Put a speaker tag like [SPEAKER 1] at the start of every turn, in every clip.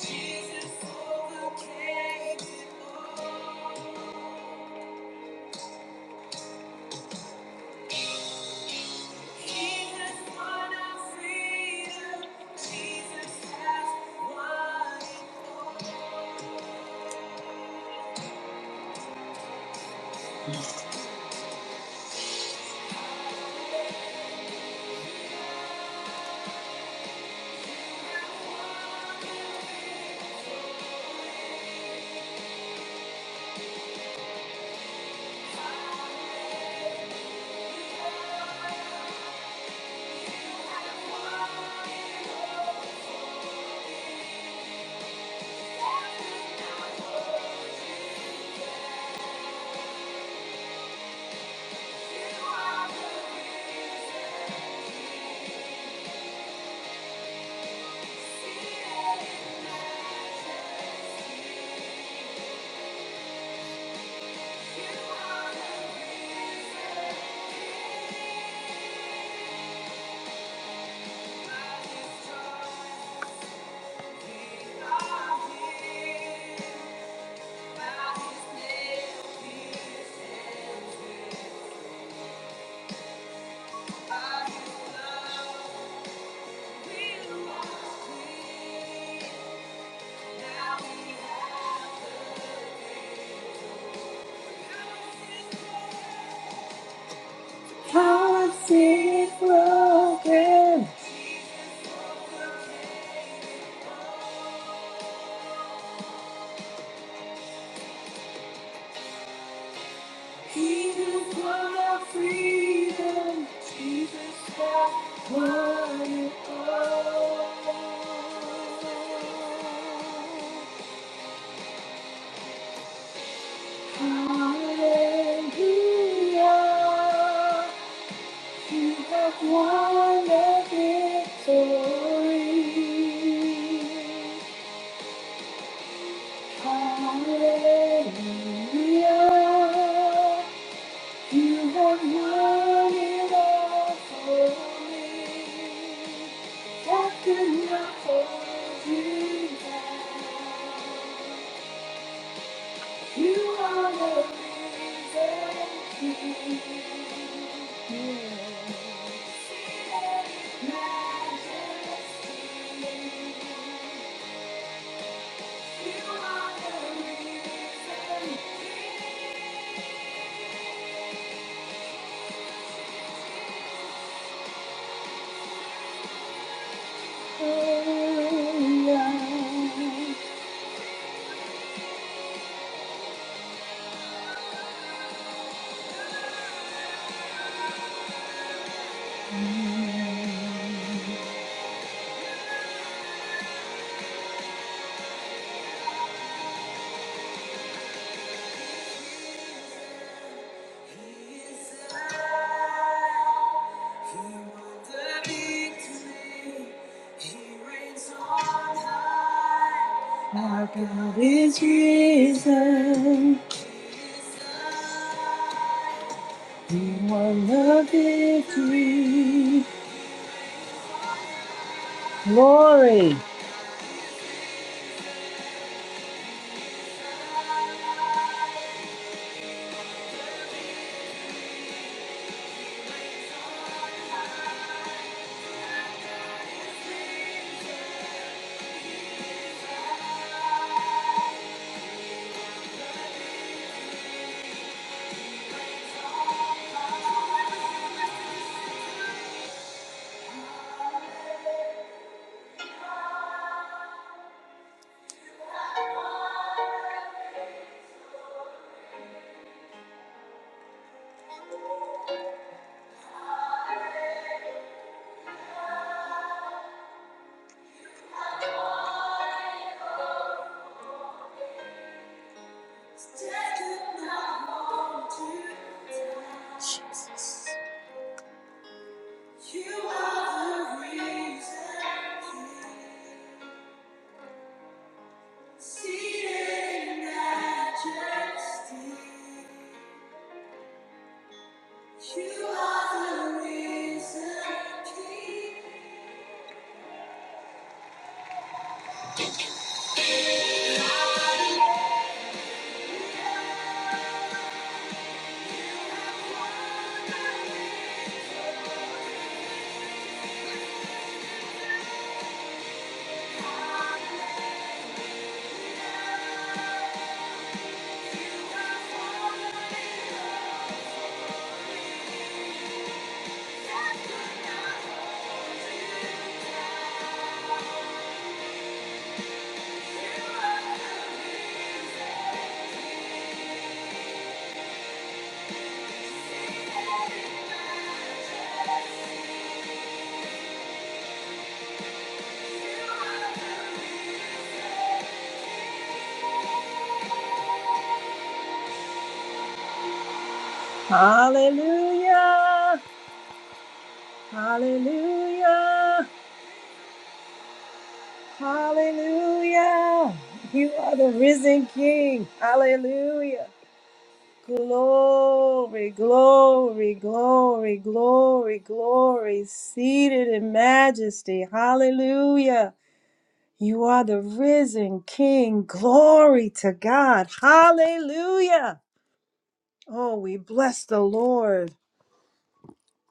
[SPEAKER 1] Jesus overcame it all. Yeah. Hearts is broken. Jesus won our freedom. Jesus has won it all. Hallelujah. You have won the victory. Hallelujah. You have won it all for me. What could not hold you down? You are the reason here. Seated in majesty. You are the reason here. Oh, yeah. Our God is risen. He won the victory. Glory. You are the reason. Seated in majesty. Hallelujah! Hallelujah! Hallelujah! You are the risen King. Hallelujah! Glory, glory, glory, glory, glory, seated in majesty. Hallelujah! You are the risen King. Glory to God. Hallelujah! Oh, we bless the Lord.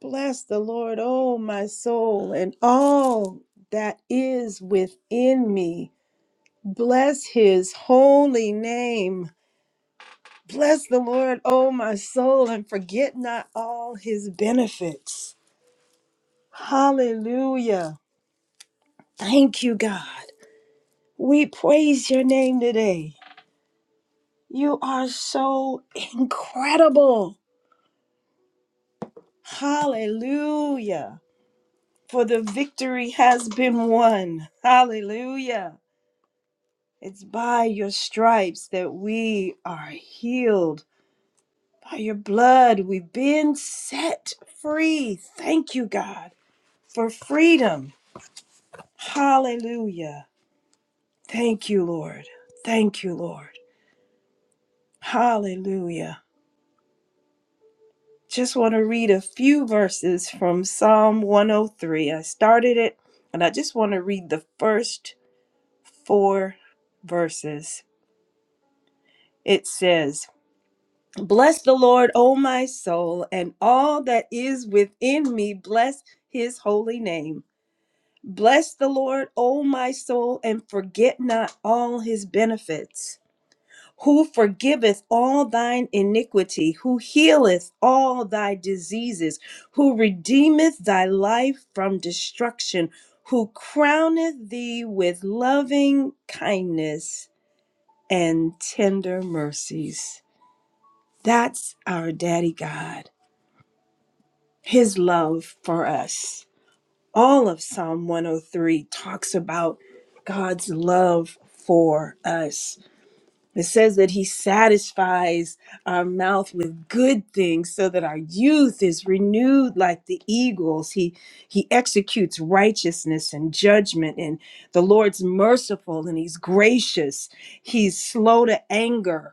[SPEAKER 1] Bless the Lord, oh my soul, and all that is within me. Bless his holy name. Bless the Lord, oh my soul, and forget not all his benefits. Hallelujah. Thank you, God. We praise your name today. You are so incredible. Hallelujah. For the victory has been won. Hallelujah. It's by your stripes that we are healed. By your blood, we've been set free. Thank you, God, for freedom. Hallelujah. Thank you, Lord. Thank you, Lord. Hallelujah. Just want to read a few verses from Psalm 103. I started it, and I just want to read the first four verses. It says, Bless the Lord, O my soul, and all that is within me, bless his holy name. Bless the Lord, O my soul, and forget not all his benefits. Who forgiveth all thine iniquity, who healeth all thy diseases, who redeemeth thy life from destruction, who crowneth thee with loving kindness and tender mercies. That's our Daddy God. his love for us. All of Psalm 103 talks about God's love for us. It says that he satisfies our mouth with good things so that our youth is renewed like the eagles. He he executes righteousness and judgment and the Lord's merciful and he's gracious. He's slow to anger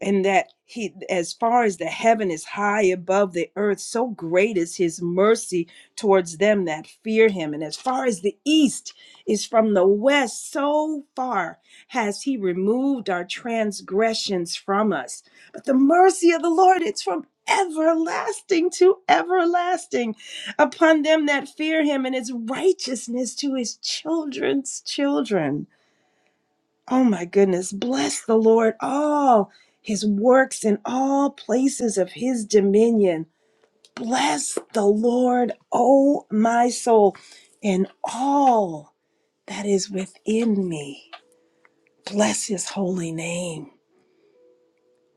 [SPEAKER 1] and that he as far as the heaven is high above the earth so great is his mercy towards them that fear him and as far as the east is from the west so far has he removed our transgressions from us but the mercy of the lord it's from everlasting to everlasting upon them that fear him and his righteousness to his children's children Oh my goodness, bless the Lord, all his works in all places of his dominion. Bless the Lord, oh my soul, and all that is within me. Bless his holy name.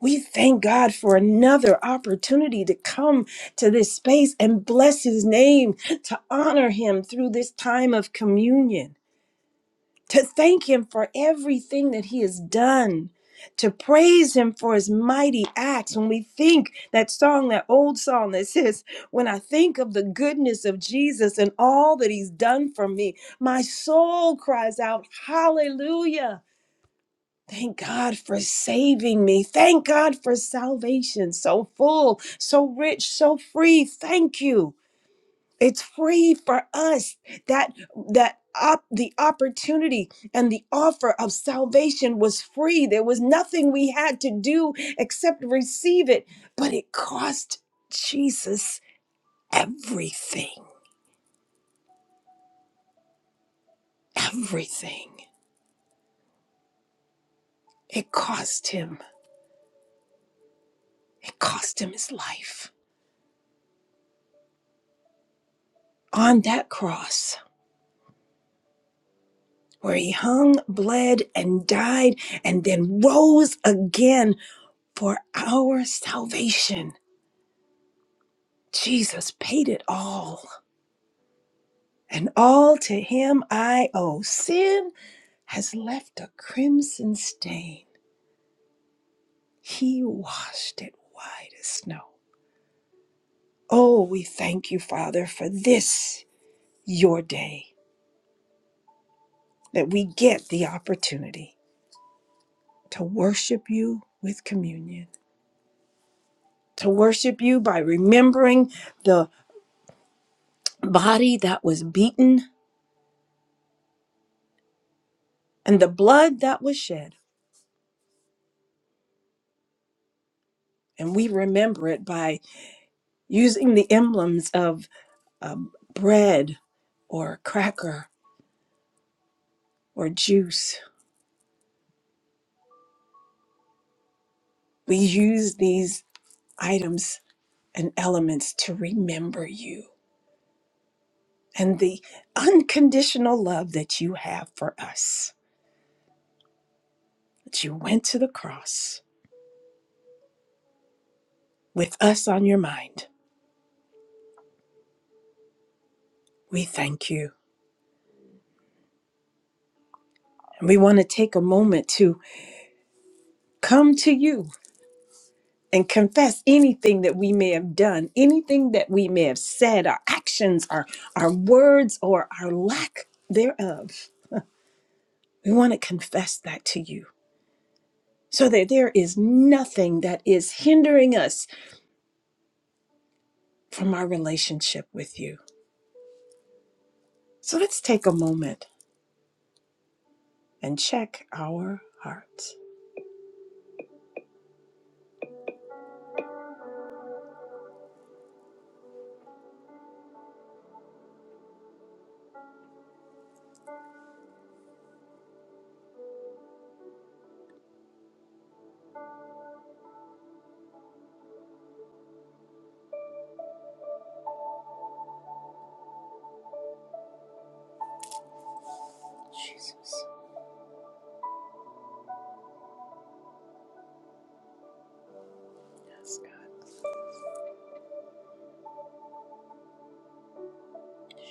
[SPEAKER 1] We thank God for another opportunity to come to this space and bless his name, to honor him through this time of communion. to thank him for everything that he has done, to praise him for his mighty acts. When we think that song, that old song that says, When I think of the goodness of Jesus and all that he's done for me, my soul cries out, Hallelujah. Thank God for saving me. Thank God for salvation. So full, so rich, so free. Thank you. It's free for us that that op- the opportunity and the offer of salvation was free. There was nothing we had to do except receive it, but it cost Jesus everything. Everything. It cost him. It cost him his life on that cross where he hung, bled and died and then rose again for our salvation. Jesus paid it all. and all to him I owe. Sin has left a crimson stain. He washed it white as snow. Oh, we thank you, Father, for this, your day, that we get the opportunity to worship you with communion, to worship you by remembering the body that was beaten and the blood that was shed. And we remember it by using the emblems of um, bread or cracker or juice. We use these items and elements to remember you and the unconditional love that you have for us, that you went to the cross with us on your mind. We thank you. And we want to take a moment to come to you and confess anything that we may have done, anything that we may have said, our actions, our, our words, or our lack thereof. We want to confess that to you. so that there is nothing that is hindering us from our relationship with you. So let's take a moment and check our hearts. Jesus. Yes,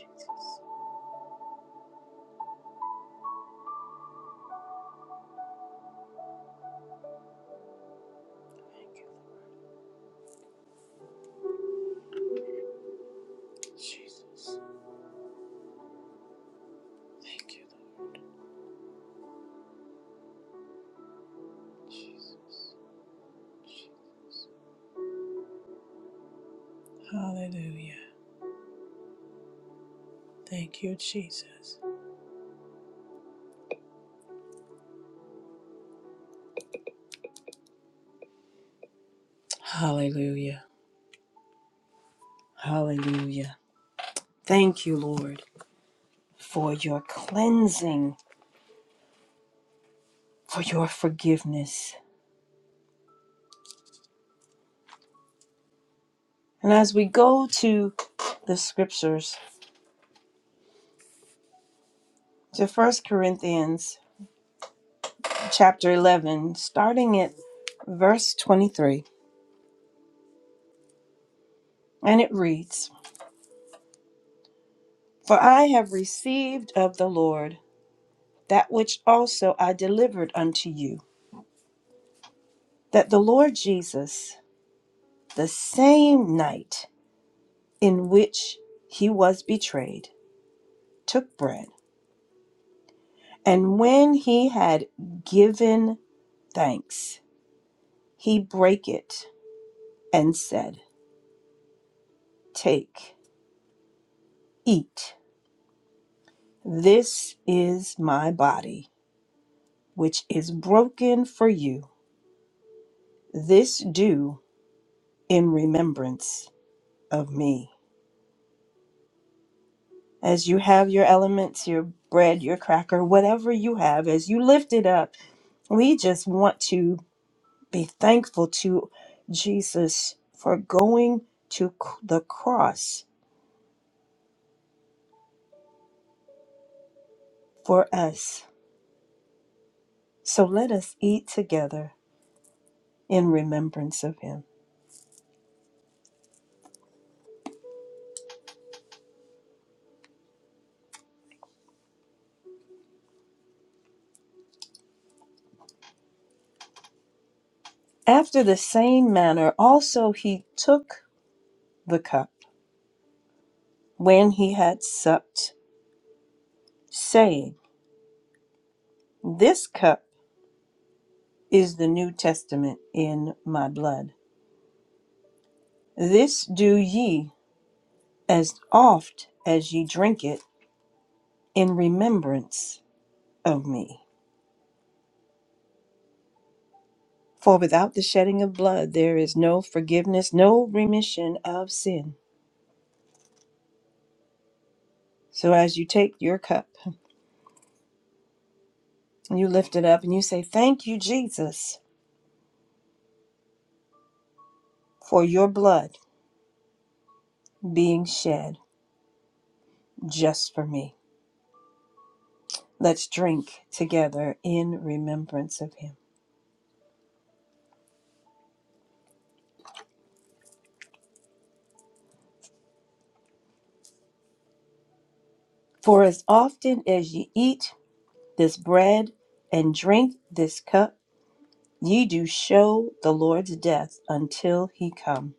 [SPEAKER 1] God. Jesus. Thank you, Lord Jesus. Hallelujah. Thank you, Jesus. Hallelujah. Hallelujah. Thank you, Lord, for your cleansing, for your forgiveness. And as we go to the scriptures, to First Corinthians chapter 11, starting at verse 23. And it reads For I have received of the Lord that which also I delivered unto you, that the Lord Jesus, the same night in which he was betrayed, took bread. And when he had given thanks, he brake it and said, Take, eat, this is my body which is broken for you. This do in remembrance of me. As you have your elements, your bread, your cracker, whatever you have, as you lift it up, we just want to be thankful to Jesus for going to c- the cross for us. So let us eat together in remembrance of him. After the same manner, also he took the cup when he had supped, saying, This cup is the New Testament in my blood. This do ye as oft as ye drink it in remembrance of me. For without the shedding of blood there is no forgiveness, no remission of sin. So as you take your cup, you lift it up and you say, Thank you, Jesus, for your blood being shed just for me. Let's drink together in remembrance of him. For as often as ye eat this bread and drink this cup, ye do show the Lord's death until he come.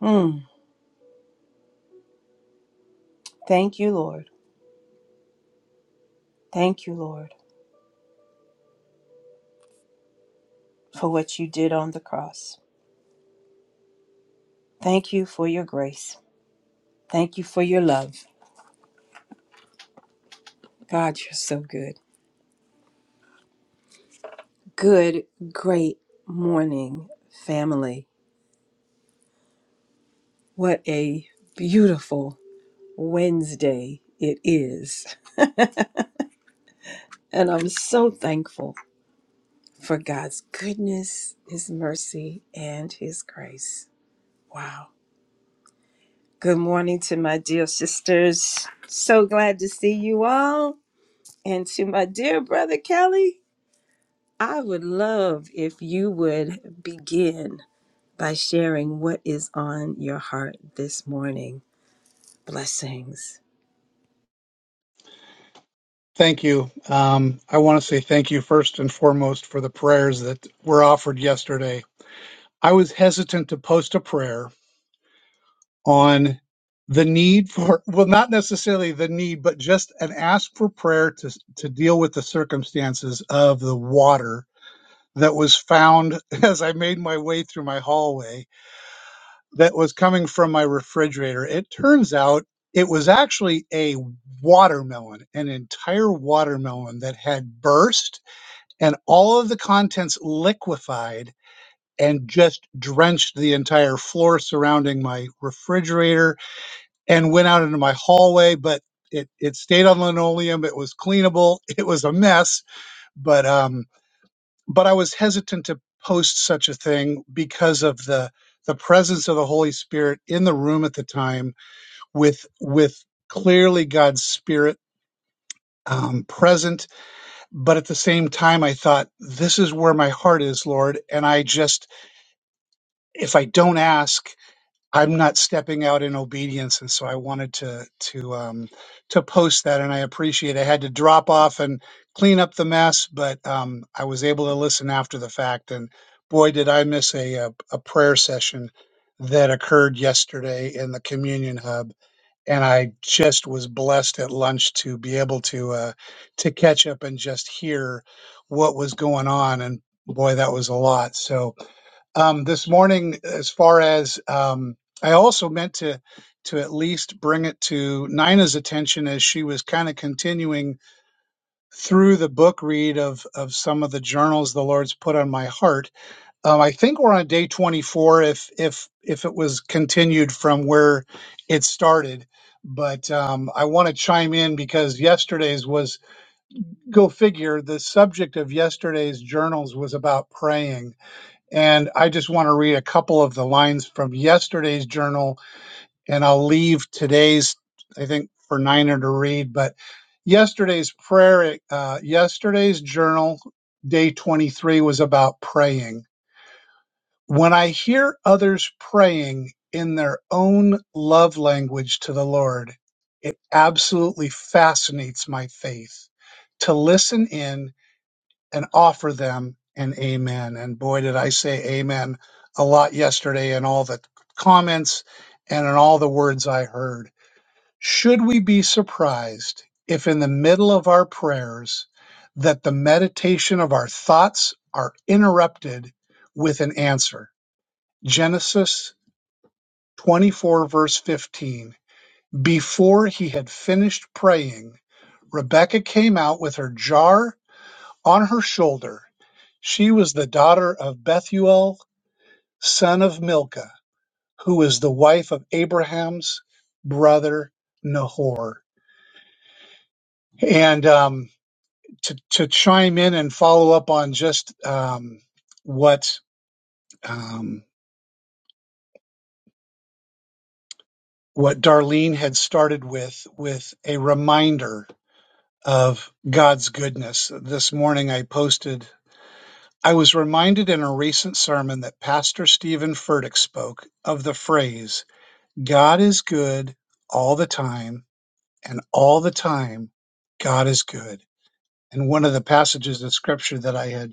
[SPEAKER 1] Mm. Thank you, Lord. Thank you, Lord, for what you did on the cross. Thank you for your grace. Thank you for your love. God, you're so good. Good, great morning, family. What a beautiful Wednesday it is. and I'm so thankful for God's goodness, His mercy, and His grace. Wow. Good morning to my dear sisters. So glad to see you all. And to my dear brother Kelly, I would love if you would begin by sharing what is on your heart this morning. Blessings.
[SPEAKER 2] Thank you. Um, I want to say thank you first and foremost for the prayers that were offered yesterday. I was hesitant to post a prayer on the need for, well, not necessarily the need, but just an ask for prayer to, to deal with the circumstances of the water that was found as I made my way through my hallway that was coming from my refrigerator. It turns out it was actually a watermelon, an entire watermelon that had burst and all of the contents liquefied and just drenched the entire floor surrounding my refrigerator and went out into my hallway but it, it stayed on linoleum it was cleanable it was a mess but um but i was hesitant to post such a thing because of the the presence of the holy spirit in the room at the time with with clearly god's spirit um, present but at the same time i thought this is where my heart is lord and i just if I don't ask, I'm not stepping out in obedience. And so I wanted to to um, to post that, and I appreciate. I had to drop off and clean up the mess, but um, I was able to listen after the fact. And boy, did I miss a a, a prayer session that occurred yesterday in the communion hub and i just was blessed at lunch to be able to uh to catch up and just hear what was going on and boy that was a lot so um, this morning as far as um, I also meant to to at least bring it to Nina's attention as she was kind of continuing through the book read of of some of the journals the Lord's put on my heart. Um, I think we're on day 24 if if if it was continued from where it started. But um, I want to chime in because yesterday's was go figure. The subject of yesterday's journals was about praying and I just want to read a couple of the lines from yesterday's journal, and I'll leave today's, I think, for Niner to read. But yesterday's prayer, uh, yesterday's journal, day 23, was about praying. When I hear others praying in their own love language to the Lord, it absolutely fascinates my faith. To listen in and offer them an amen. And boy, did I say amen a lot yesterday in all the comments and in all the words I heard. Should we be surprised if in the middle of our prayers that the meditation of our thoughts are interrupted with an answer? Genesis 24 verse 15. Before he had finished praying, Rebecca came out with her jar on her shoulder She was the daughter of Bethuel, son of Milcah, who was the wife of Abraham's brother Nahor. And um, to, to chime in and follow up on just um, what um, what Darlene had started with, with a reminder of God's goodness. This morning I posted, I was reminded in a recent sermon that Pastor Stephen Furtick spoke of the phrase, God is good all the time, and all the time, God is good. And one of the passages of scripture that I had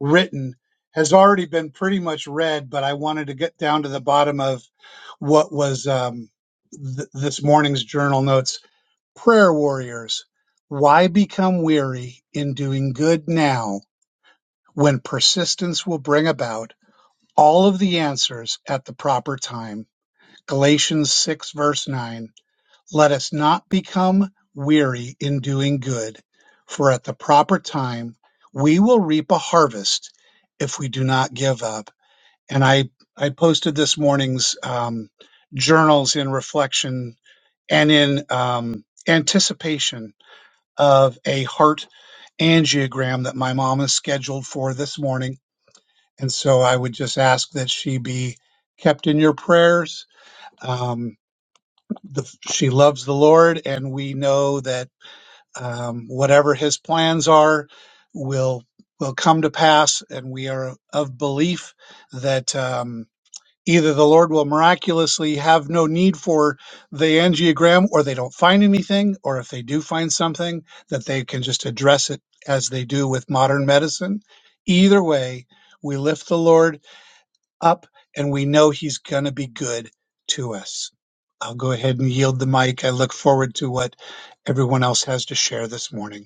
[SPEAKER 2] written has already been pretty much read, but I wanted to get down to the bottom of what was um, th- this morning's journal notes. Prayer warriors, why become weary in doing good now when persistence will bring about all of the answers at the proper time? Galatians 6, verse 9. Let us not become weary in doing good, for at the proper time we will reap a harvest if we do not give up. And I, I posted this morning's um, journals in reflection and in um, anticipation of a heart angiogram that my mom is scheduled for this morning. And so I would just ask that she be kept in your prayers. Um, the, she loves the Lord, and we know that um, whatever his plans are will will come to pass, and we are of belief that um, either the Lord will miraculously have no need for the angiogram, or they don't find anything, or if they do find something, that they can just address it as they do with modern medicine. Either way, we lift the Lord up, and we know He's going to be good to us. I'll go ahead and yield the mic. I look forward to what everyone else has to share this morning.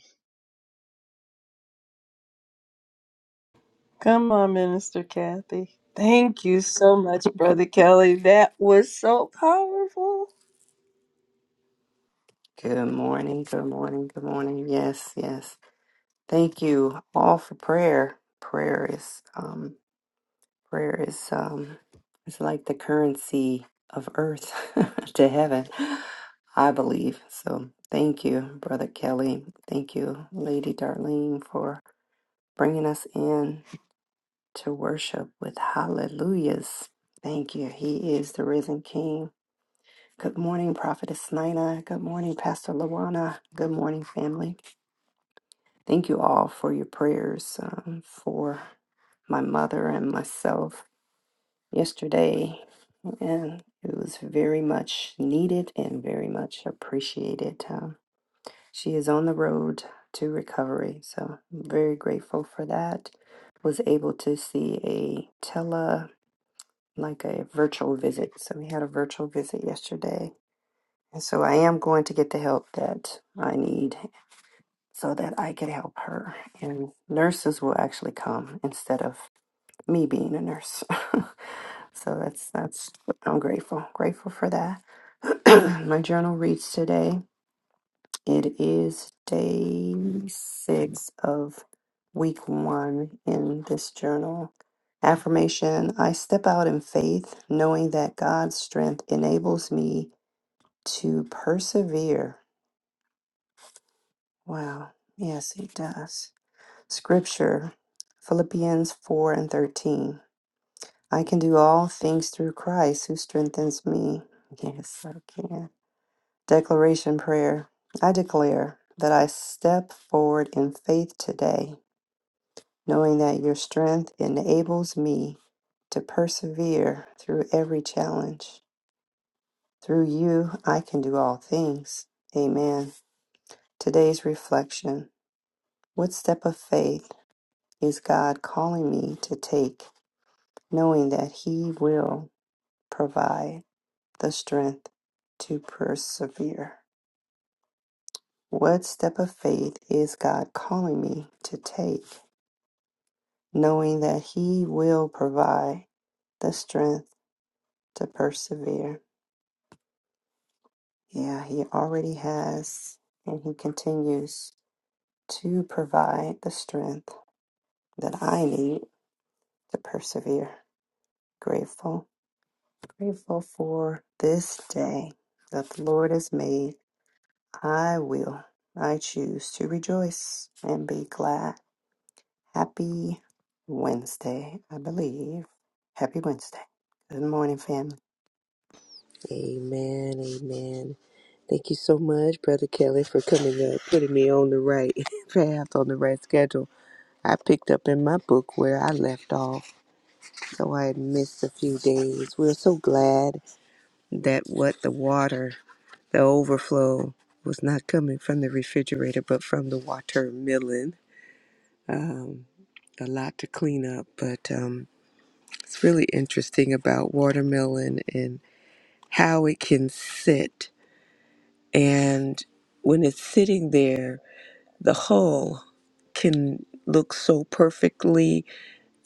[SPEAKER 1] Come on, Minister Kathy. Thank you so much, Brother Kelly. That was so powerful.
[SPEAKER 3] Good morning, good morning, good morning. Yes, yes. Thank you all for prayer. Prayer is um prayer is um it's like the currency of earth to heaven, I believe. So thank you, Brother Kelly. Thank you, Lady Darlene, for bringing us in to worship with hallelujahs. Thank you. He is the risen King. Good morning, Prophetess Nina. Good morning, Pastor Lawana. Good morning, family. Thank you all for your prayers um, for my mother and myself yesterday. And it was very much needed and very much appreciated. Um, she is on the road to recovery. So I'm very grateful for that. Was able to see a tele, like a virtual visit. So we had a virtual visit yesterday. And so I am going to get the help that I need so that I could help her. And nurses will actually come instead of me being a nurse. so that's that's I'm grateful. Grateful for that. My journal reads today. It is day six of week one in this journal. Affirmation I step out in faith, knowing that God's strength enables me to persevere. Wow. Yes, it does. Scripture, Philippians 4 and 13. I can do all things through Christ who strengthens me. Yes, I can. Declaration prayer. I declare that I step forward in faith today, knowing that your strength enables me to persevere through every challenge. Through you, I can do all things. Amen. Today's reflection What step of faith is God calling me to take? knowing that He will provide the strength to persevere. What step of faith is God calling me to take, knowing that He will provide the strength to persevere? Yeah, He already has, and He continues to provide the strength that I need to persevere. Grateful, grateful for this day that the Lord has made I will. I choose to rejoice and be glad. Happy Wednesday, I believe. Happy Wednesday. Good morning, family.
[SPEAKER 4] Amen, amen. Thank you so much, Brother Kelly, for coming up, putting me on the right path, on the right schedule. I picked up in my book where I left off, so I had missed a few days. We're so glad that what the water, the overflow, was not coming from the refrigerator, but from the watermelon. Um, a lot to clean up, but um, it's really interesting about watermelon and how it can sit And when it's sitting there, the hull can look so perfectly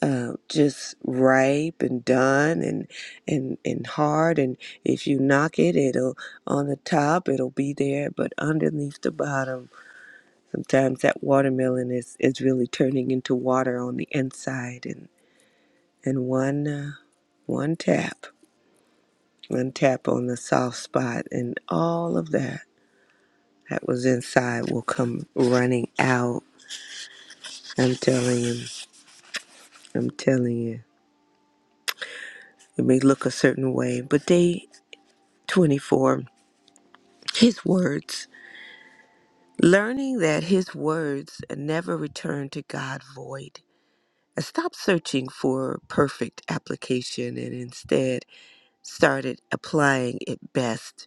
[SPEAKER 4] uh, just ripe and done and, and and hard and if you knock it it'll on the top it'll be there but underneath the bottom sometimes that watermelon is, is really turning into water on the inside and and one uh, one tap one tap on the soft spot and all of that that was inside will come running out I'm telling you, I'm telling you. It may look a certain way, but day 24, his words, learning that his words never return to God void. I stopped searching for perfect application and instead started applying it best.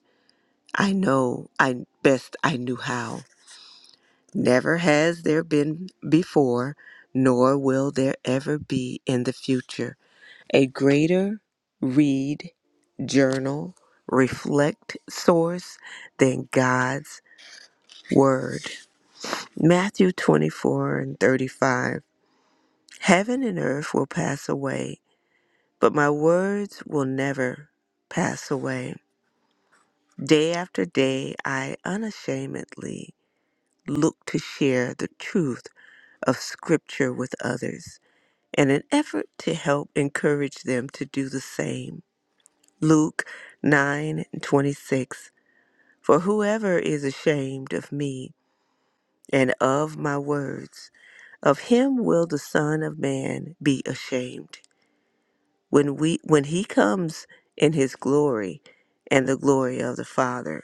[SPEAKER 4] I know I best I knew how. Never has there been before, nor will there ever be in the future. a greater read, journal, reflect source than God's Word. Matthew 24 and 35. Heaven and earth will pass away, but my words will never pass away. Day after day, I unashamedly look to share the truth of Scripture with others in an effort to help encourage them to do the same. Luke 9 and 26. For whoever is ashamed of me and of my words, of him will the Son of Man be ashamed when we when he comes in his glory and the glory of the Father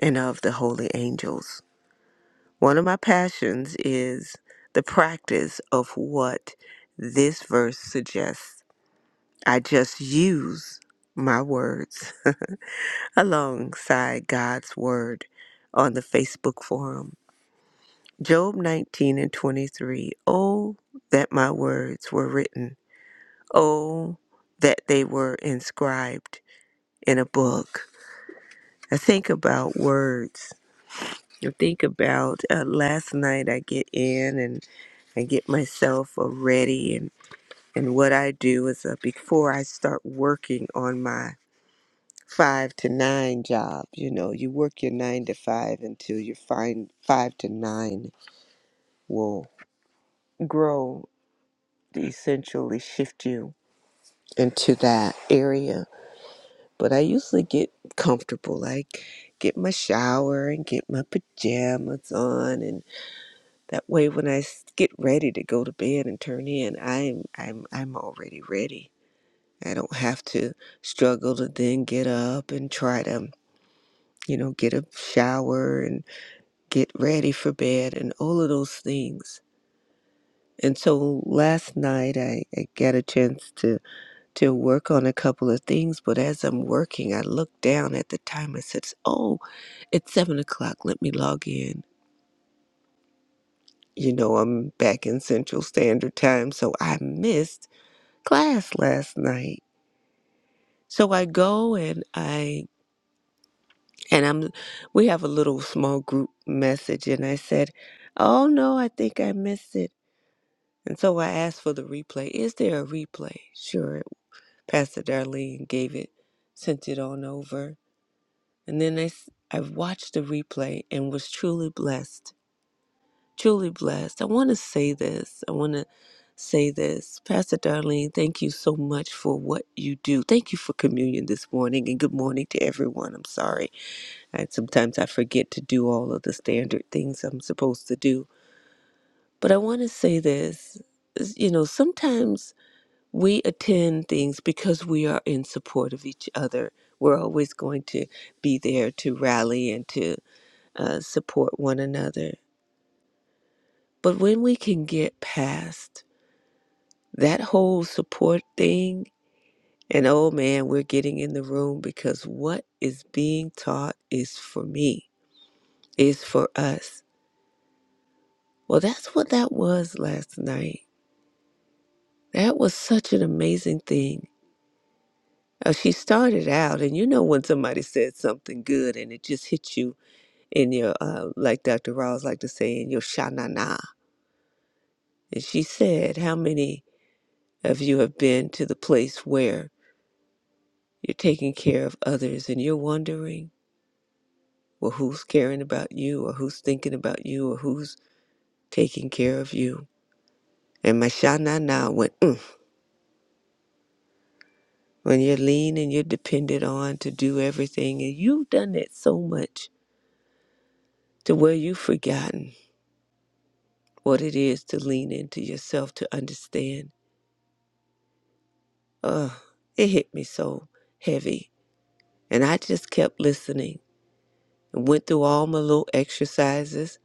[SPEAKER 4] and of the holy angels. One of my passions is the practice of what this verse suggests. I just use my words. alongside God's Word on the Facebook forum. Job 19 and 23. Oh, that my words were written. Oh, that they were inscribed in a book. I think about words. I think about uh, last night I get in and I get myself uh, ready and and what I do is uh, before I start working on my five to nine job. You know, you work your nine to five until you find five to nine will grow, essentially shift you into that area. But I usually get comfortable, like get my shower and get my pajamas on, and that way when I s- get ready to go to bed and turn in, I'm I'm I'm already ready. I don't have to struggle to then get up and try to, you know, get a shower get ready for bed, and all of those things. And so last night I, I got a chance to, to work on a couple of things, but as I'm working, I looked down at the time I said, Oh, it's seven o'clock. Let me log in. You know, I'm back in Central Standard Time, so I missed class last night. So I go and I and I'm we have a little small group message and I said, "Oh no, I think I missed it." And so I asked for the replay. Is there a replay? Sure. Pastor Darlene gave it, sent it on over. And then I, s- I watched the replay and was truly blessed. Truly blessed. I want to say this. I want to say this. Pastor Darlene, thank you so much for what you do. Thank you for communion this morning and good morning to everyone. I'm sorry. I, sometimes I forget to do all of the standard things I'm supposed to do. But I want to say this. is, You know, sometimes we attend things because we are in support of each other. We're always going to be there to rally and to uh, support one another. But when we can get past that whole support thing, and oh man, we're getting in the room because what is being taught is for me, is for us. Well, that's what that was last night. That was such an amazing thing. Uh, she started out, and you know when somebody said something good and it just hit you in your uh, like Dr. Ross like to say in your shanana. And she said, How many of you have been to the place where you're taking care of others and you're wondering, well, who's caring about you or who's thinking about you or who's taking care of you? And my shanana went, mm. when you're lean and you're dependent on to do everything, and you've done that so much to where you've forgotten what it is to lean into yourself to understand. Ugh, it hit me so heavy And I just kept listening and went through all my little exercises.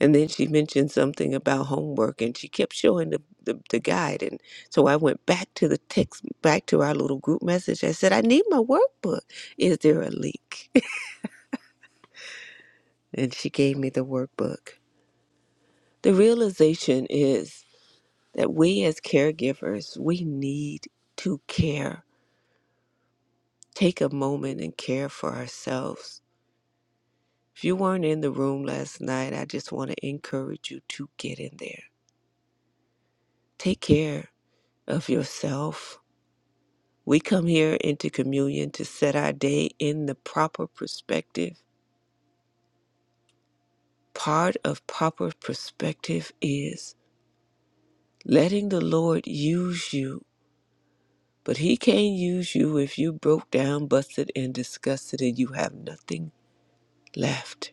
[SPEAKER 4] And then she mentioned something about homework and she kept showing the, the, the guide. And so I went back to the text, back to our little group message. I said, I need my workbook. Is there a leak? and she gave me the workbook. The realization is that we as caregivers, we need to care. Take a moment and care for ourselves If you weren't in the room last night, I just want to encourage you to get in there. Take care of yourself. We come here into communion to set our day in the proper perspective. Part of proper perspective is letting the Lord use you, but He can't use you if you broke down, busted, and disgusted, and you have nothing left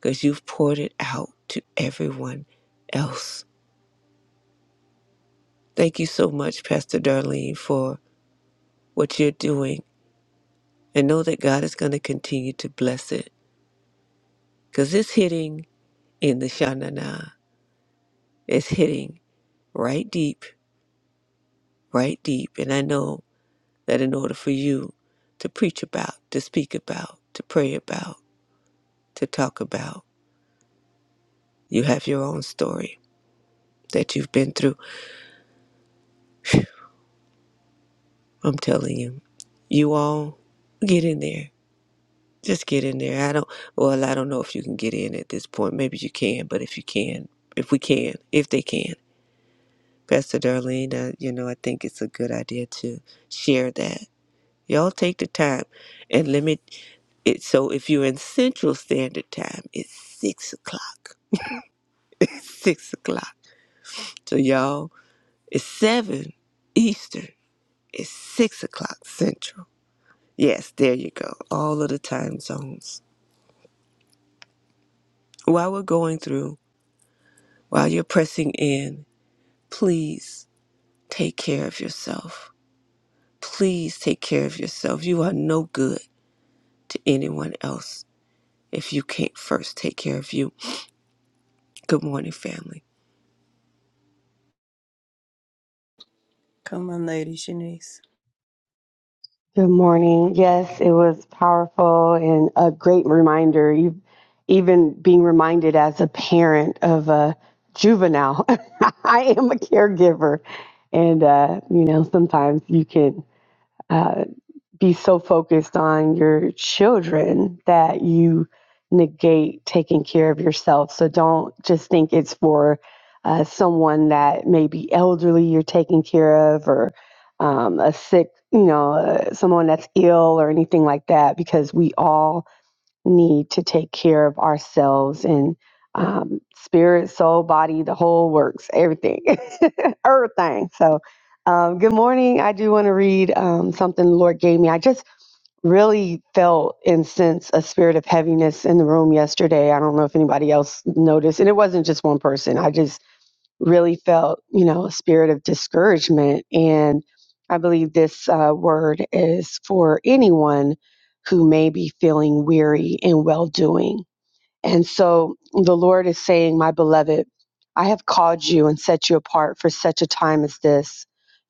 [SPEAKER 4] because you've poured it out to everyone else. Thank you so much, Pastor Darlene, for what you're doing and know that God is going to continue to bless it because it's hitting in the Shanana. It's hitting right deep, right deep. And I know that in order for you to preach about, to speak about, to pray about, to talk about, you have your own story that you've been through. I'm telling you, you all get in there. Just get in there. I don't, well, I don't know if you can get in at this point. Maybe you can, but if you can, if we can, if they can. Pastor Darlene, uh, you know, I think it's a good idea to share that. Y'all take the time and limit it. So if you're in Central Standard Time, it's six o'clock. It's six o'clock. So y'all, it's seven Eastern. It's six o'clock Central. Yes, there you go. All of the time zones. While we're going through, while you're pressing in, please take care of yourself. Please take care of yourself. You are no good to anyone else if you can't first take care of you. Good morning, family.
[SPEAKER 1] Come on, Lady Shanice.
[SPEAKER 5] Good morning. Yes, it was powerful and a great reminder. You, even being reminded as a parent of a juvenile, I am a caregiver, and uh, you know sometimes you can. uh, be so focused on your children that you negate taking care of yourself. So don't just think it's for uh, someone that may be elderly you're taking care of or um, a sick, you know, uh, someone that's ill or anything like that, because we all need to take care of ourselves and um, spirit, soul, body, the whole works, everything, everything. So, um, good morning. I do want to read um, something the Lord gave me. I just really felt and sensed a spirit of heaviness in the room yesterday. I don't know if anybody else noticed, and it wasn't just one person. I just really felt, you know, a spirit of discouragement. And I believe this uh, word is for anyone who may be feeling weary in well doing. And so the Lord is saying, My beloved, I have called you and set you apart for such a time as this.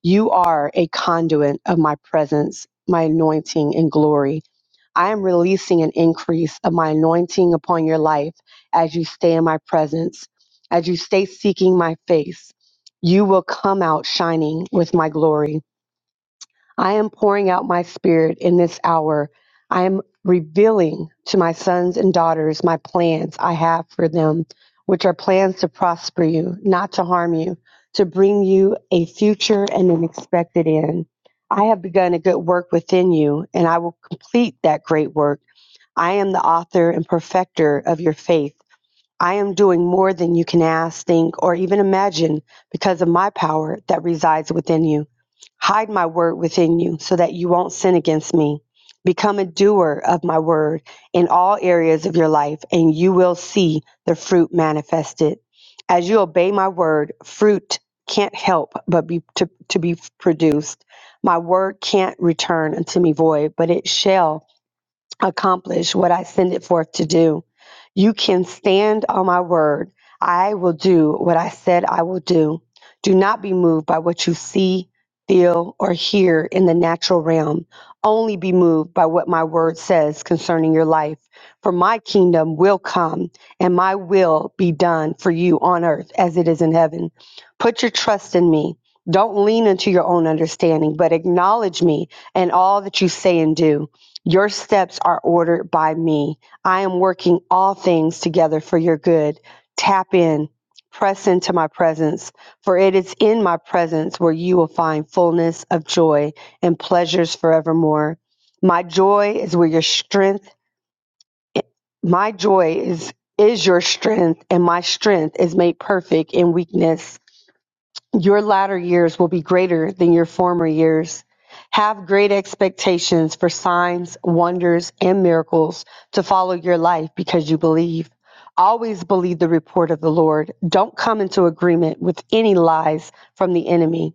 [SPEAKER 5] You are a conduit of my presence, my anointing, and glory. I am releasing an increase of my anointing upon your life as you stay in my presence, as you stay seeking my face. You will come out shining with my glory. I am pouring out my spirit in this hour. I am revealing to my sons and daughters my plans I have for them, which are plans to prosper you, not to harm you, to bring you a future and an expected end. I have begun a good work within you, and I will complete that great work I am the author and perfecter of your faith. I am doing more than you can ask, think, or even imagine because of my power that resides within you. Hide my word within you so that you won't sin against me. Become a doer of my word in all areas of your life, and you will see the fruit manifested. As you obey my word, fruit can't help but be to, to be produced. My word can't return unto me void, but it shall accomplish what I send it forth to do. You can stand on my word. I will do what I said I will do. Do not be moved by what you see, feel, or hear in the natural realm. Only be moved by what my word says concerning your life. For my kingdom will come and my will be done for you on earth as it is in heaven. Put your trust in me. Don't lean into your own understanding, but acknowledge me and all that you say and do. Your steps are ordered by me. I am working all things together for your good. Tap in, press into my presence, for it is in my presence where you will find fullness of joy and pleasures forevermore. My joy is where your strength, my joy is is your strength and my strength is made perfect in weakness. Your latter years will be greater than your former years. Have great expectations for signs, wonders, and miracles to follow your life because you believe. Always believe the report of the Lord. Don't come into agreement with any lies from the enemy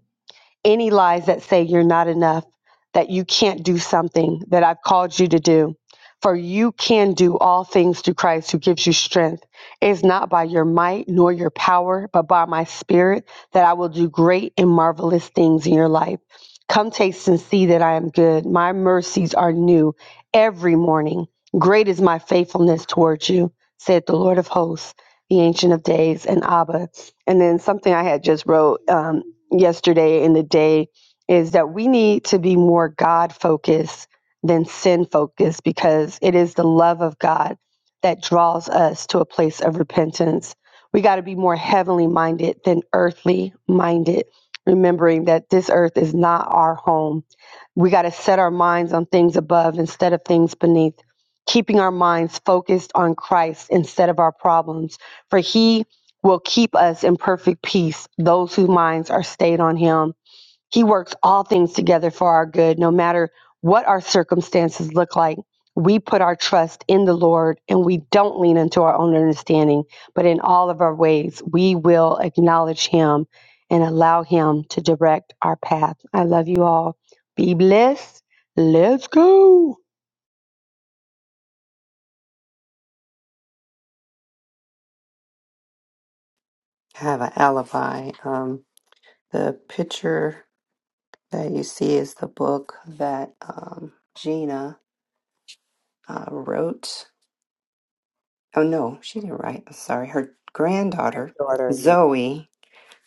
[SPEAKER 5] any lies that say you're not enough, that you can't do something that I've called you to do. For you can do all things through Christ who gives you strength. It is not by your might nor your power, but by my spirit that I will do great and marvelous things in your life. Come taste and see that I am good. My mercies are new every morning. Great is my faithfulness towards you, said the Lord of hosts, the Ancient of Days, and Abba. And then something I had just wrote. um, yesterday and the day is that we need to be more God focused than sin focused because it is the love of God that draws us to a place of repentance. We got to be more heavenly minded than earthly minded, remembering that this earth is not our home. We got to set our minds on things above instead of things beneath, keeping our minds focused on Christ instead of our problems. for He will keep us in perfect peace, those whose minds are stayed on him. He works all things together for our good, no matter what our circumstances look like. We put our trust in the Lord and we don't lean into our own understanding, but in all of our ways, we will acknowledge him and allow him to direct our path. I love you all. Be blessed. Let's go.
[SPEAKER 3] I have an alibi. Um, the picture that you see is the book that um, Gina uh, wrote. Oh, no, she didn't write. I'm sorry. Her granddaughter,
[SPEAKER 4] Granddaughter, yeah.
[SPEAKER 3] Zoe.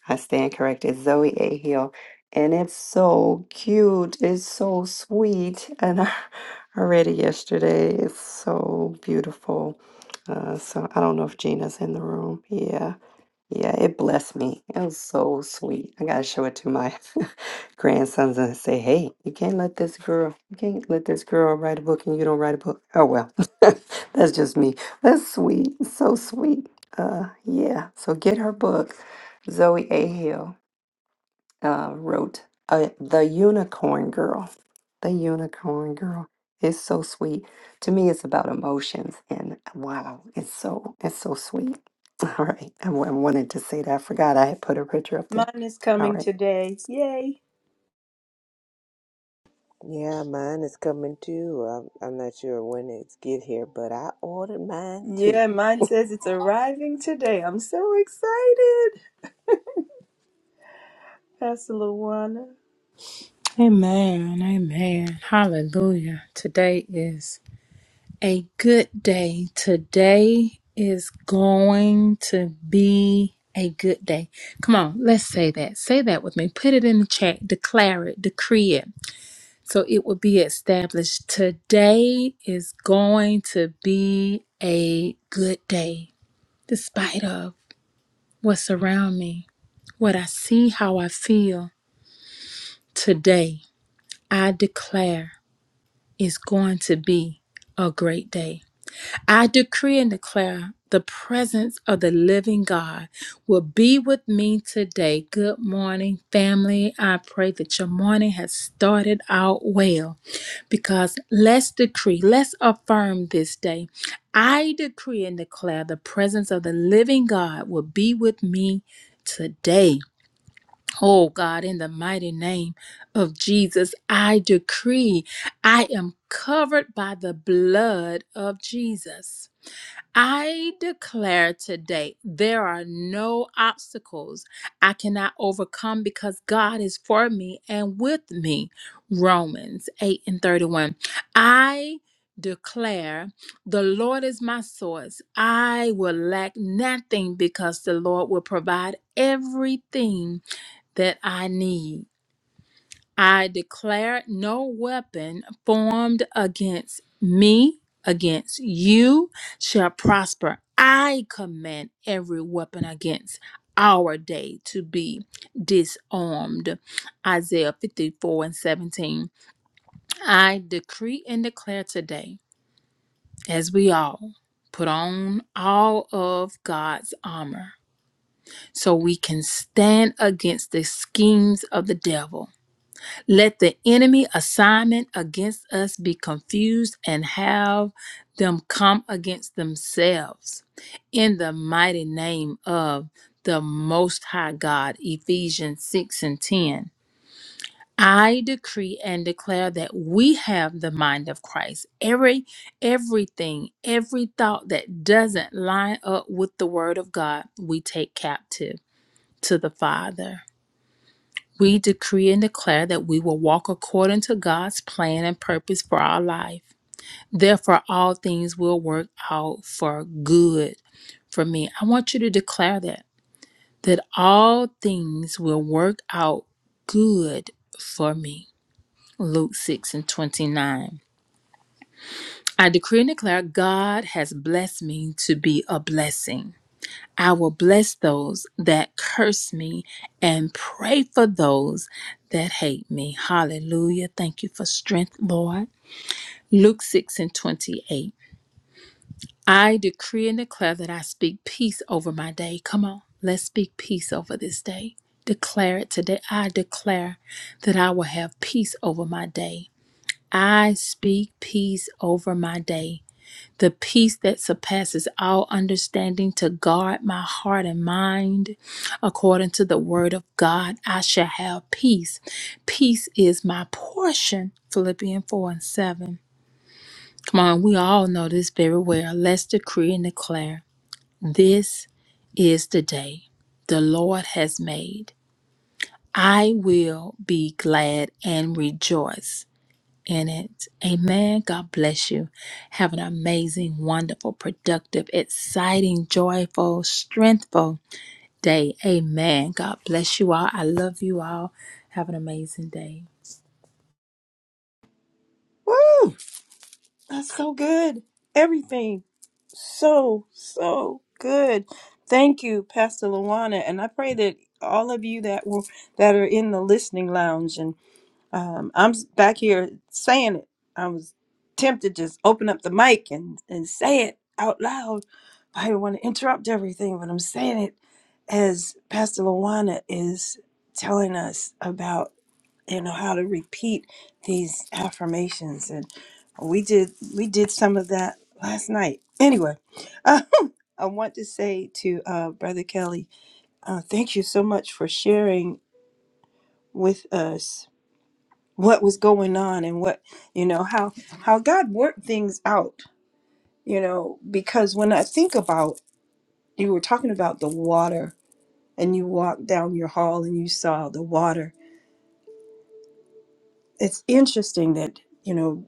[SPEAKER 3] I stand corrected, Zoe A. Hill. And it's so cute. It's so sweet. And I I read it yesterday. It's so beautiful. Uh, so I don't know if Gina's in the room. Yeah. Yeah, it blessed me. It was so sweet. I gotta show it to my grandsons and say, "Hey, you can't let this girl, you can't let this girl write a book and you don't write a book." Oh well, that's just me. That's sweet. So sweet. Uh, yeah. So get her book, Zoe A. Hill uh, wrote uh, The Unicorn Girl. The Unicorn Girl is so sweet. To me, it's about emotions, and wow, it's so it's so sweet. All right, I wa- I wanted to say that. I forgot I had put a picture up there.
[SPEAKER 1] Mine is
[SPEAKER 3] All
[SPEAKER 1] coming
[SPEAKER 3] right.
[SPEAKER 1] today. Yay.
[SPEAKER 4] Yeah, mine is coming too. I'm, I'm not sure when it's get here, but I ordered mine too.
[SPEAKER 1] Yeah, mine says it's arriving today. I'm so excited, Pastor Luana.
[SPEAKER 6] Amen. Amen. Hallelujah. Today is a good day. Today is going to be a good day. Come on, let's say that. Say that with me. Put it in the chat. Declare it. Decree it. So it will be established. Today is going to be a good day, despite of what's around me, what I see, how I feel. Today, I declare. is going to be a great day. I decree and declare the presence of the living God will be with me today. Good morning, family. I pray that your morning has started out well because let's decree, let's affirm this day. I decree and declare the presence of the living God will be with me today. Oh God, in the mighty name of Jesus, I decree I am covered by the blood of Jesus. I declare today there are no obstacles I cannot overcome because God is for me and with me. Romans 8 and 31. I declare the Lord is my source. I will lack nothing because the Lord will provide everything that I need. I declare no weapon formed against me, against you, shall prosper. I command every weapon against our day to be disarmed. Isaiah 54 and 17. I decree and declare today, as we all put on all of God's armor, so we can stand against the schemes of the devil Let the enemy assignment against us be confused and have them come against themselves. In the mighty name of the Most High God, Ephesians 6 and 10. I decree and declare that we have the mind of Christ. Every everything, every thought that doesn't line up with the word of God, we take captive to the Father. We decree and declare that we will walk according to God's plan and purpose for our life. Therefore, all things will work out for good for me. I want you to declare that, that all things will work out good for me. Luke 6 and 29. I decree and declare God has blessed me to be a blessing. I will bless those that curse me and pray for those that hate me. Hallelujah. Thank you for strength, Lord. Luke 6 and 28. I decree and declare that I speak peace over my day. Come on, let's speak peace over this day. Declare it today. I declare that I will have peace over my day. I speak peace over my day the peace that surpasses all understanding to guard my heart and mind. According to the word of God, I shall have peace. Peace is my portion. Philippians 4 and 7. Come on, we all know this very well. Let's decree and declare this is the day the Lord has made. I will be glad and rejoice in it. Amen. God bless you. Have an amazing, wonderful, productive, exciting, joyful, strengthful day. Amen. God bless you all. I love you all. Have an amazing day.
[SPEAKER 1] Woo! That's so good. Everything. So, so good. Thank you, Pastor Luana. And I pray that all of you that were that are in the listening lounge um, I'm s- back here saying it. I was tempted to just open up the mic and, and say it out loud. I didn't want to interrupt everything, but I'm saying it as Pastor Lawana is telling us about, you know, how to repeat these affirmations. And we did we did some of that last night. Anyway, I want to say to uh, Brother Kelly, uh, thank you so much for sharing with us what was going on and what you know how how god worked things out you know because when i think about you were talking about the water and you walked down your hall and you saw the water it's interesting that you know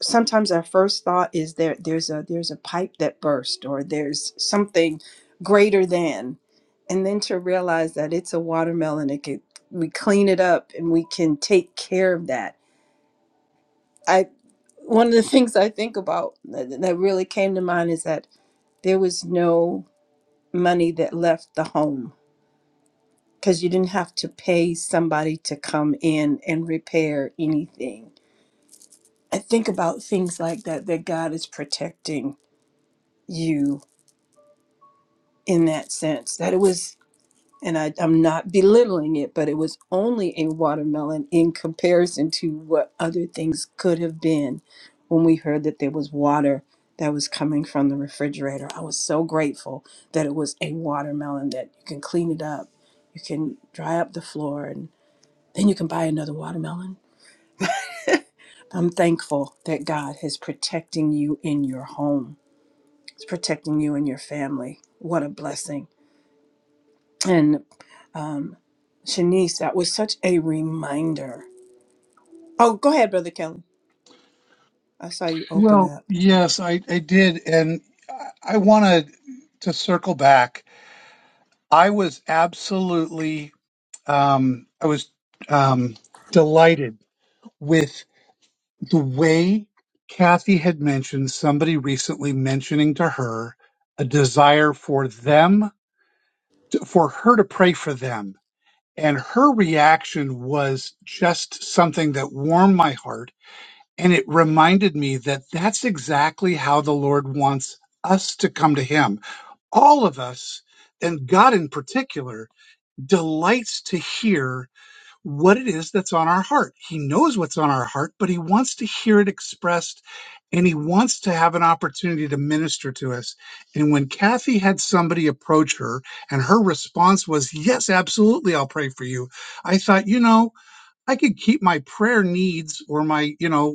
[SPEAKER 1] sometimes our first thought is there there's a there's a pipe that burst or there's something greater than and then to realize that it's a watermelon it could we clean it up and we can take care of that I one of the things I think about that, that really came to mind is that there was no money that left the home because you didn't have to pay somebody to come in and repair anything. I think about things like that that God is protecting you in that sense. That it was and I, I'm not belittling it, but it was only a watermelon in comparison to what other things could have been when we heard that there was water that was coming from the refrigerator. I was so grateful that it was a watermelon that you can clean it up, you can dry up the floor, and then you can buy another watermelon. I'm thankful that God is protecting you in your home, it's protecting you and your family. What a blessing And um, Shanice, that was such a reminder. Oh, go ahead, Brother Kelly. I saw you open
[SPEAKER 2] Well,
[SPEAKER 1] up.
[SPEAKER 2] yes, I, I did. And I wanted to circle back. I was absolutely, um, I was um, delighted with the way Kathy had mentioned somebody recently mentioning to her a desire for them, to, for her to pray for them. And her reaction was just something that warmed my heart And it reminded me that that's exactly how the Lord wants us to come to Him. All of us, and God in particular, delights to hear what it is that's on our heart. He knows what's on our heart, but He wants to hear it expressed and He wants to have an opportunity to minister to us. And when Kathy had somebody approach her and her response was, Yes, absolutely, I'll pray for you, I thought, you know, I could keep my prayer needs or my, you know,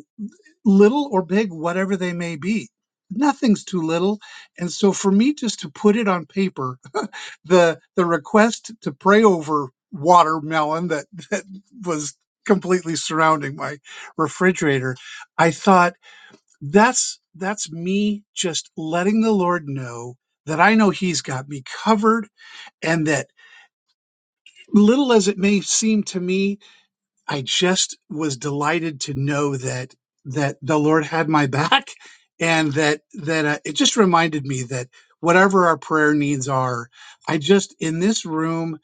[SPEAKER 2] little or big, whatever they may be. Nothing's too little. And so for me just to put it on paper, the the request to pray over watermelon that, that was completely surrounding my refrigerator, I thought that's that's me just letting the Lord know that I know he's got me covered and that little as it may seem to me I just was delighted to know that that the Lord had my back, and that that uh, it just reminded me that whatever our prayer needs are, I just in this room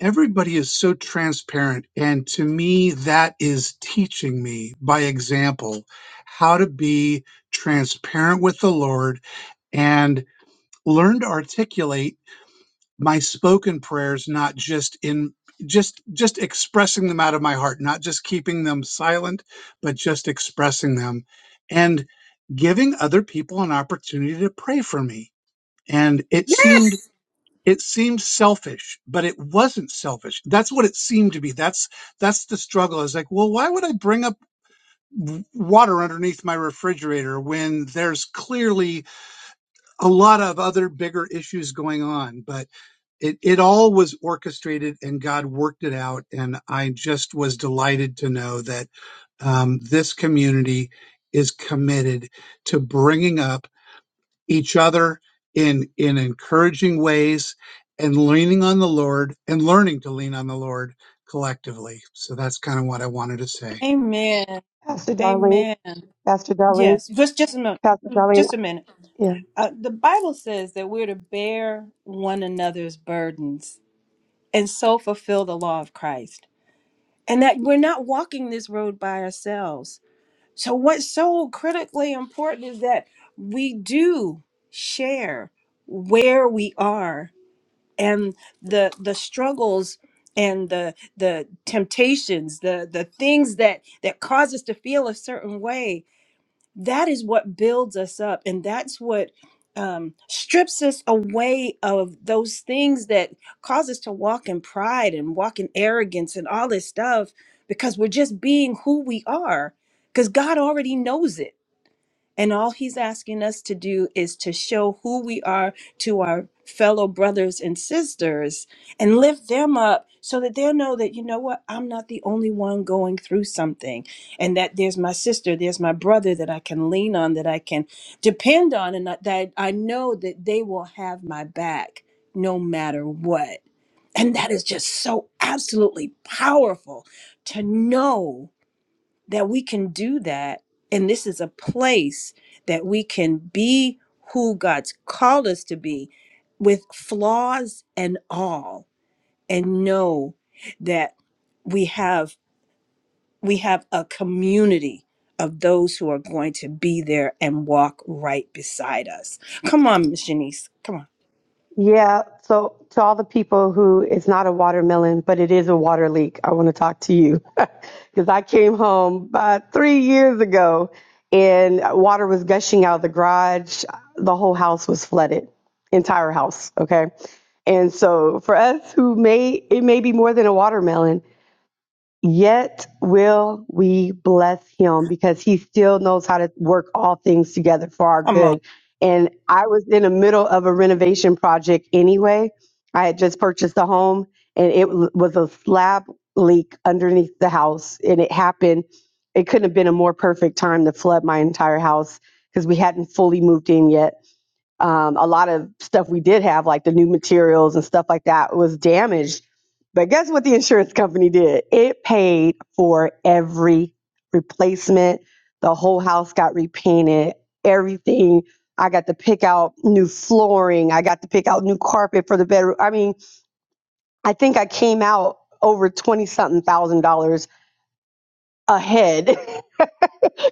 [SPEAKER 2] everybody is so transparent, and to me that is teaching me by example how to be transparent with the Lord and learn to articulate my spoken prayers not just in just just expressing them out of my heart not just keeping them silent but just expressing them and giving other people an opportunity to pray for me and it seemed it seemed selfish but it wasn't selfish that's what it seemed to be that's that's the struggle i was like well why would i bring up w- water underneath my refrigerator when there's clearly a lot of other bigger issues going on, but it, it all was orchestrated and God worked it out. And I just was delighted to know that um, this community is committed to bringing up each other in, in encouraging ways and leaning on the Lord and learning to lean on the Lord collectively. So that's kind of what I wanted to say.
[SPEAKER 1] Amen.
[SPEAKER 5] Pastor Darlene,
[SPEAKER 1] Amen.
[SPEAKER 5] Pastor Darlene,
[SPEAKER 1] Yes, just just a minute.
[SPEAKER 5] Pastor Darlene.
[SPEAKER 1] Just a minute.
[SPEAKER 5] Yeah.
[SPEAKER 1] Uh, the Bible says that we're to bear one another's burdens and so fulfill the law of Christ, and that we're not walking this road by ourselves. So, what's so critically important is that we do share where we are and the the struggles and the the temptations the the things that that cause us to feel a certain way that is what builds us up and that's what um, strips us away of those things that cause us to walk in pride and walk in arrogance and all this stuff because we're just being who we are because god already knows it and all he's asking us to do is to show who we are to our fellow brothers and sisters and lift them up so that they'll know that, you know what, I'm not the only one going through something. And that there's my sister, there's my brother that I can lean on, that I can depend on, and that that I know that they will have my back no matter what. And that is just so absolutely powerful to know that we can do that. And this is a place that we can be who God's called us to be with flaws and all, and know that we have we have a community of those who are going to be there and walk right beside us. Come on, Miss Shanice. Come on.
[SPEAKER 5] Yeah, so to all the people who it's not a watermelon, but it is a water leak, I want to talk to you because I came home about three years ago and water was gushing out of the garage. The whole house was flooded, entire house. Okay. And so for us who may, it may be more than a watermelon, Yet will we bless him because he still knows how to work all things together for our
[SPEAKER 1] Come on.
[SPEAKER 5] good. And I was in the middle of a renovation project anyway. I had just purchased a home and it w- was a slab leak underneath the house. And it happened, it couldn't have been a more perfect time to flood my entire house because we hadn't fully moved in yet um, a lot of stuff we did have, like the new materials and stuff like that, was damaged. But guess what the insurance company did? It paid for every replacement. The whole house got repainted, everything. I got to pick out new flooring. I got to pick out new carpet for the bedroom. I mean, I think I came out over 20 something thousand dollars ahead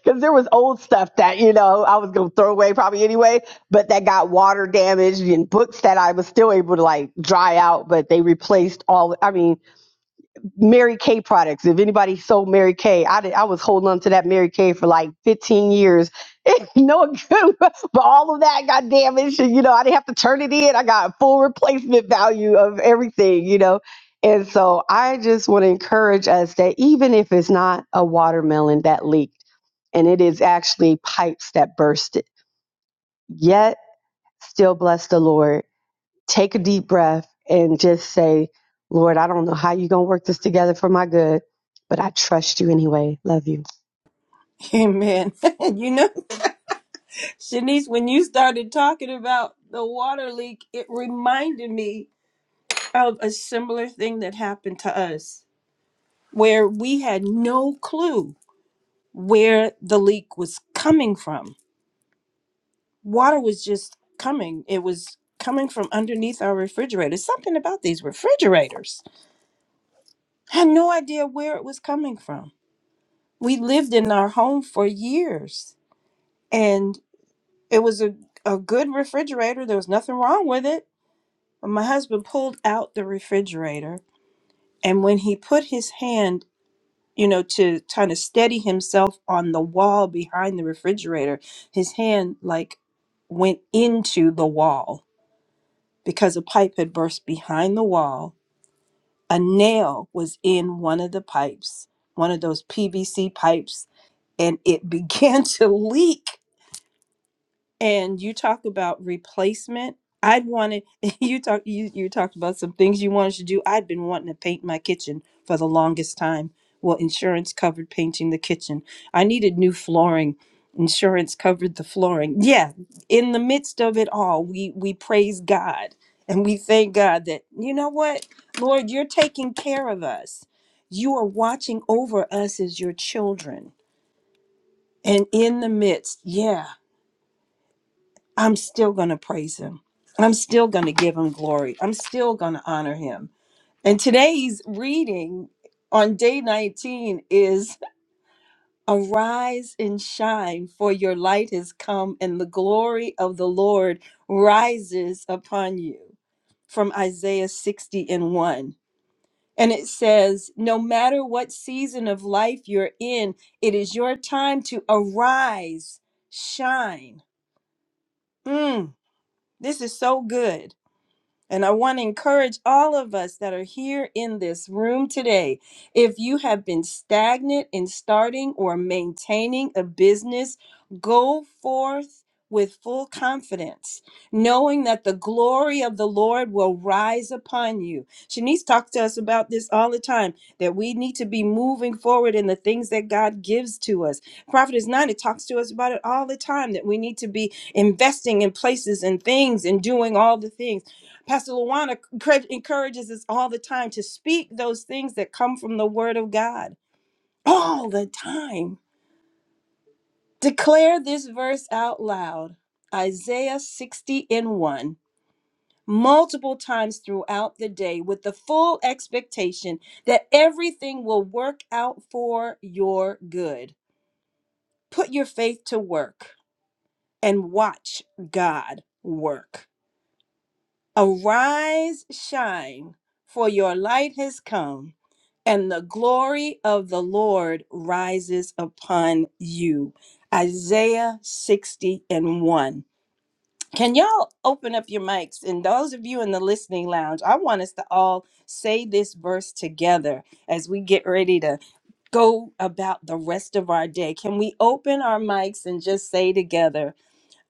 [SPEAKER 5] Because there was old stuff that, you know, I was going to throw away probably anyway, but that got water damaged and books that I was still able to like dry out, but they replaced all, I mean, Mary Kay products. If anybody sold Mary Kay, I, did, I was holding on to that Mary Kay for like 15 years. no good, but all of that got damaged. And, you know, I didn't have to turn it in. I got full replacement value of everything, you know. And so I just want to encourage us that even if it's not a watermelon that leaks, and it is actually pipes that bursted. Yet, still bless the Lord. Take a deep breath and just say, Lord, I don't know how you're going to work this together for my good, but I trust you anyway. Love you.
[SPEAKER 1] Amen. you know, Shanice, when you started talking about the water leak, it reminded me of a similar thing that happened to us where we had no clue where the leak was coming from. Water was just coming. It was coming from underneath our refrigerator. Something about these refrigerators. Had no idea where it was coming from. We lived in our home for years and it was a, a good refrigerator. There was nothing wrong with it. But my husband pulled out the refrigerator and when he put his hand you know, to kind of steady himself on the wall behind the refrigerator, his hand like went into the wall because a pipe had burst behind the wall. A nail was in one of the pipes, one of those PVC pipes, and it began to leak and you talk about replacement i'd wanted you talk you, you talked about some things you wanted to do i'd been wanting to paint my kitchen for the longest time well insurance covered painting the kitchen i needed new flooring insurance covered the flooring yeah in the midst of it all we we praise god and we thank god that you know what lord you're taking care of us you are watching over us as your children and in the midst yeah I'm still going to praise him. I'm still going to give him glory. I'm still going to honor him. And today's reading on day 19 is Arise and shine, for your light has come, and the glory of the Lord rises upon you. From Isaiah 60 and 1. And it says, No matter what season of life you're in, it is your time to arise, shine. Mm, this is so good And I want to encourage all of us that are here in this room today. If you have been stagnant in starting or maintaining a business, go forth with full confidence, knowing that the glory of the Lord will rise upon you. Shanice talks to us about this all the time that we need to be moving forward in the things that God gives to us. Prophet is not, it talks to us about it all the time that we need to be investing in places and things and doing all the things Pastor Luana encourage- encourages us all the time to speak those things that come from the Word of God. All the time. Declare this verse out loud Isaiah 60 and 1, multiple times throughout the day with the full expectation that everything will work out for your good. Put your faith to work and watch God work. Arise, shine, for your light has come and the glory of the Lord rises upon you. Isaiah 60 and 1. Can y'all open up your mics? And those of you in the listening lounge, I want us to all say this verse together as we get ready to go about the rest of our day. Can we open our mics and just say together,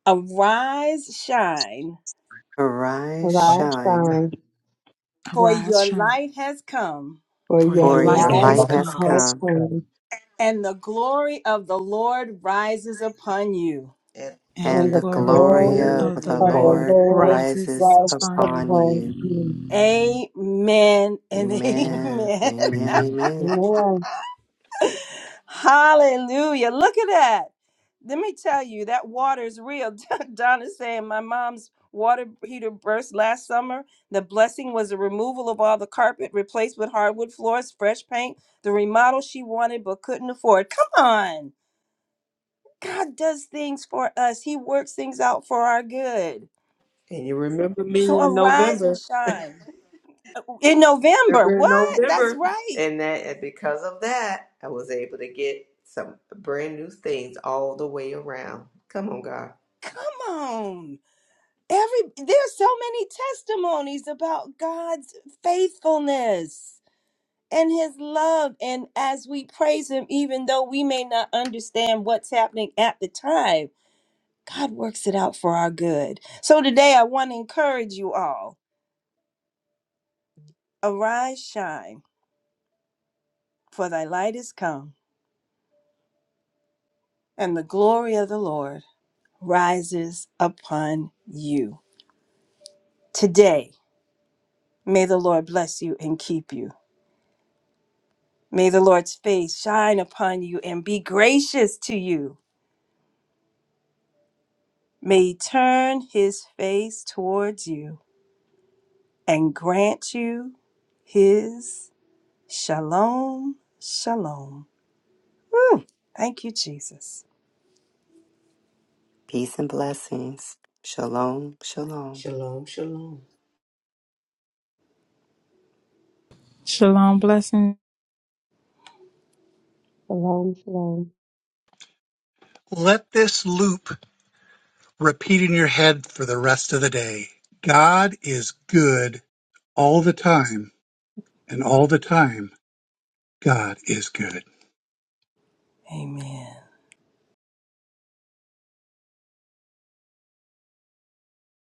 [SPEAKER 1] Arise, shine,
[SPEAKER 3] Arise,
[SPEAKER 2] heart,
[SPEAKER 5] Arise,
[SPEAKER 3] shine,
[SPEAKER 2] and
[SPEAKER 5] son,
[SPEAKER 1] for
[SPEAKER 6] Arise,
[SPEAKER 1] your
[SPEAKER 6] shine,
[SPEAKER 1] light has come,
[SPEAKER 5] for
[SPEAKER 6] for
[SPEAKER 5] your
[SPEAKER 6] your
[SPEAKER 3] for your
[SPEAKER 2] so
[SPEAKER 6] light
[SPEAKER 5] light
[SPEAKER 6] has
[SPEAKER 3] light
[SPEAKER 2] light
[SPEAKER 3] has
[SPEAKER 6] come,
[SPEAKER 5] has
[SPEAKER 2] has
[SPEAKER 3] come,
[SPEAKER 2] come,
[SPEAKER 5] come,
[SPEAKER 1] and the glory of the Lord rises upon you.
[SPEAKER 6] and the
[SPEAKER 3] and
[SPEAKER 5] and the
[SPEAKER 3] the
[SPEAKER 2] and the
[SPEAKER 6] glory
[SPEAKER 3] glory
[SPEAKER 5] glory
[SPEAKER 2] glory
[SPEAKER 3] of
[SPEAKER 2] of
[SPEAKER 6] of the
[SPEAKER 3] the
[SPEAKER 2] the
[SPEAKER 5] of the
[SPEAKER 2] Lord.
[SPEAKER 6] Lord
[SPEAKER 3] Lord
[SPEAKER 5] Lord
[SPEAKER 6] rises
[SPEAKER 3] rises
[SPEAKER 5] rises
[SPEAKER 6] upon you.
[SPEAKER 3] upon
[SPEAKER 5] upon
[SPEAKER 3] you.
[SPEAKER 5] you.
[SPEAKER 1] Amen and
[SPEAKER 5] Amen.
[SPEAKER 3] Amen.
[SPEAKER 1] amen.
[SPEAKER 3] Amen. Amen.
[SPEAKER 5] Shalom,
[SPEAKER 1] Hallelujah. Look at that. Let me tell you, that water is real. Donna's saying my mom's water heater burst last summer. The blessing was the removal of all the carpet, replaced with hardwood floors, fresh paint, the remodel she wanted but couldn't afford. Come on. God does things for us, He works things out for our good.
[SPEAKER 4] And you remember me
[SPEAKER 1] So
[SPEAKER 4] in
[SPEAKER 1] arise and
[SPEAKER 4] November.
[SPEAKER 1] shine. In November,
[SPEAKER 4] Remember in
[SPEAKER 1] what? That's
[SPEAKER 4] November.
[SPEAKER 1] right.
[SPEAKER 4] And that and because of that, I was able to get some brand new things all the way around. Come on, God.
[SPEAKER 1] Come on. Every there's so many testimonies about God's faithfulness and his love and as we praise him even though we may not understand what's happening at the time, God works it out for our good. So today I want to encourage you all. Arise, shine, for thy light is come, and the glory of the Lord rises upon you. Today, may the Lord bless you and keep you. May the Lord's face shine upon you and be gracious to you. May he turn his face towards you and grant you his shalom, shalom. Whew. Thank you, Jesus.
[SPEAKER 3] Peace and blessings. Shalom. Shalom.
[SPEAKER 4] Shalom, shalom.
[SPEAKER 6] Shalom, blessings.
[SPEAKER 5] shalom.
[SPEAKER 2] Let this loop repeat in your head for the rest of the day. God is good all the time, and all the time, God is good.
[SPEAKER 1] Amen.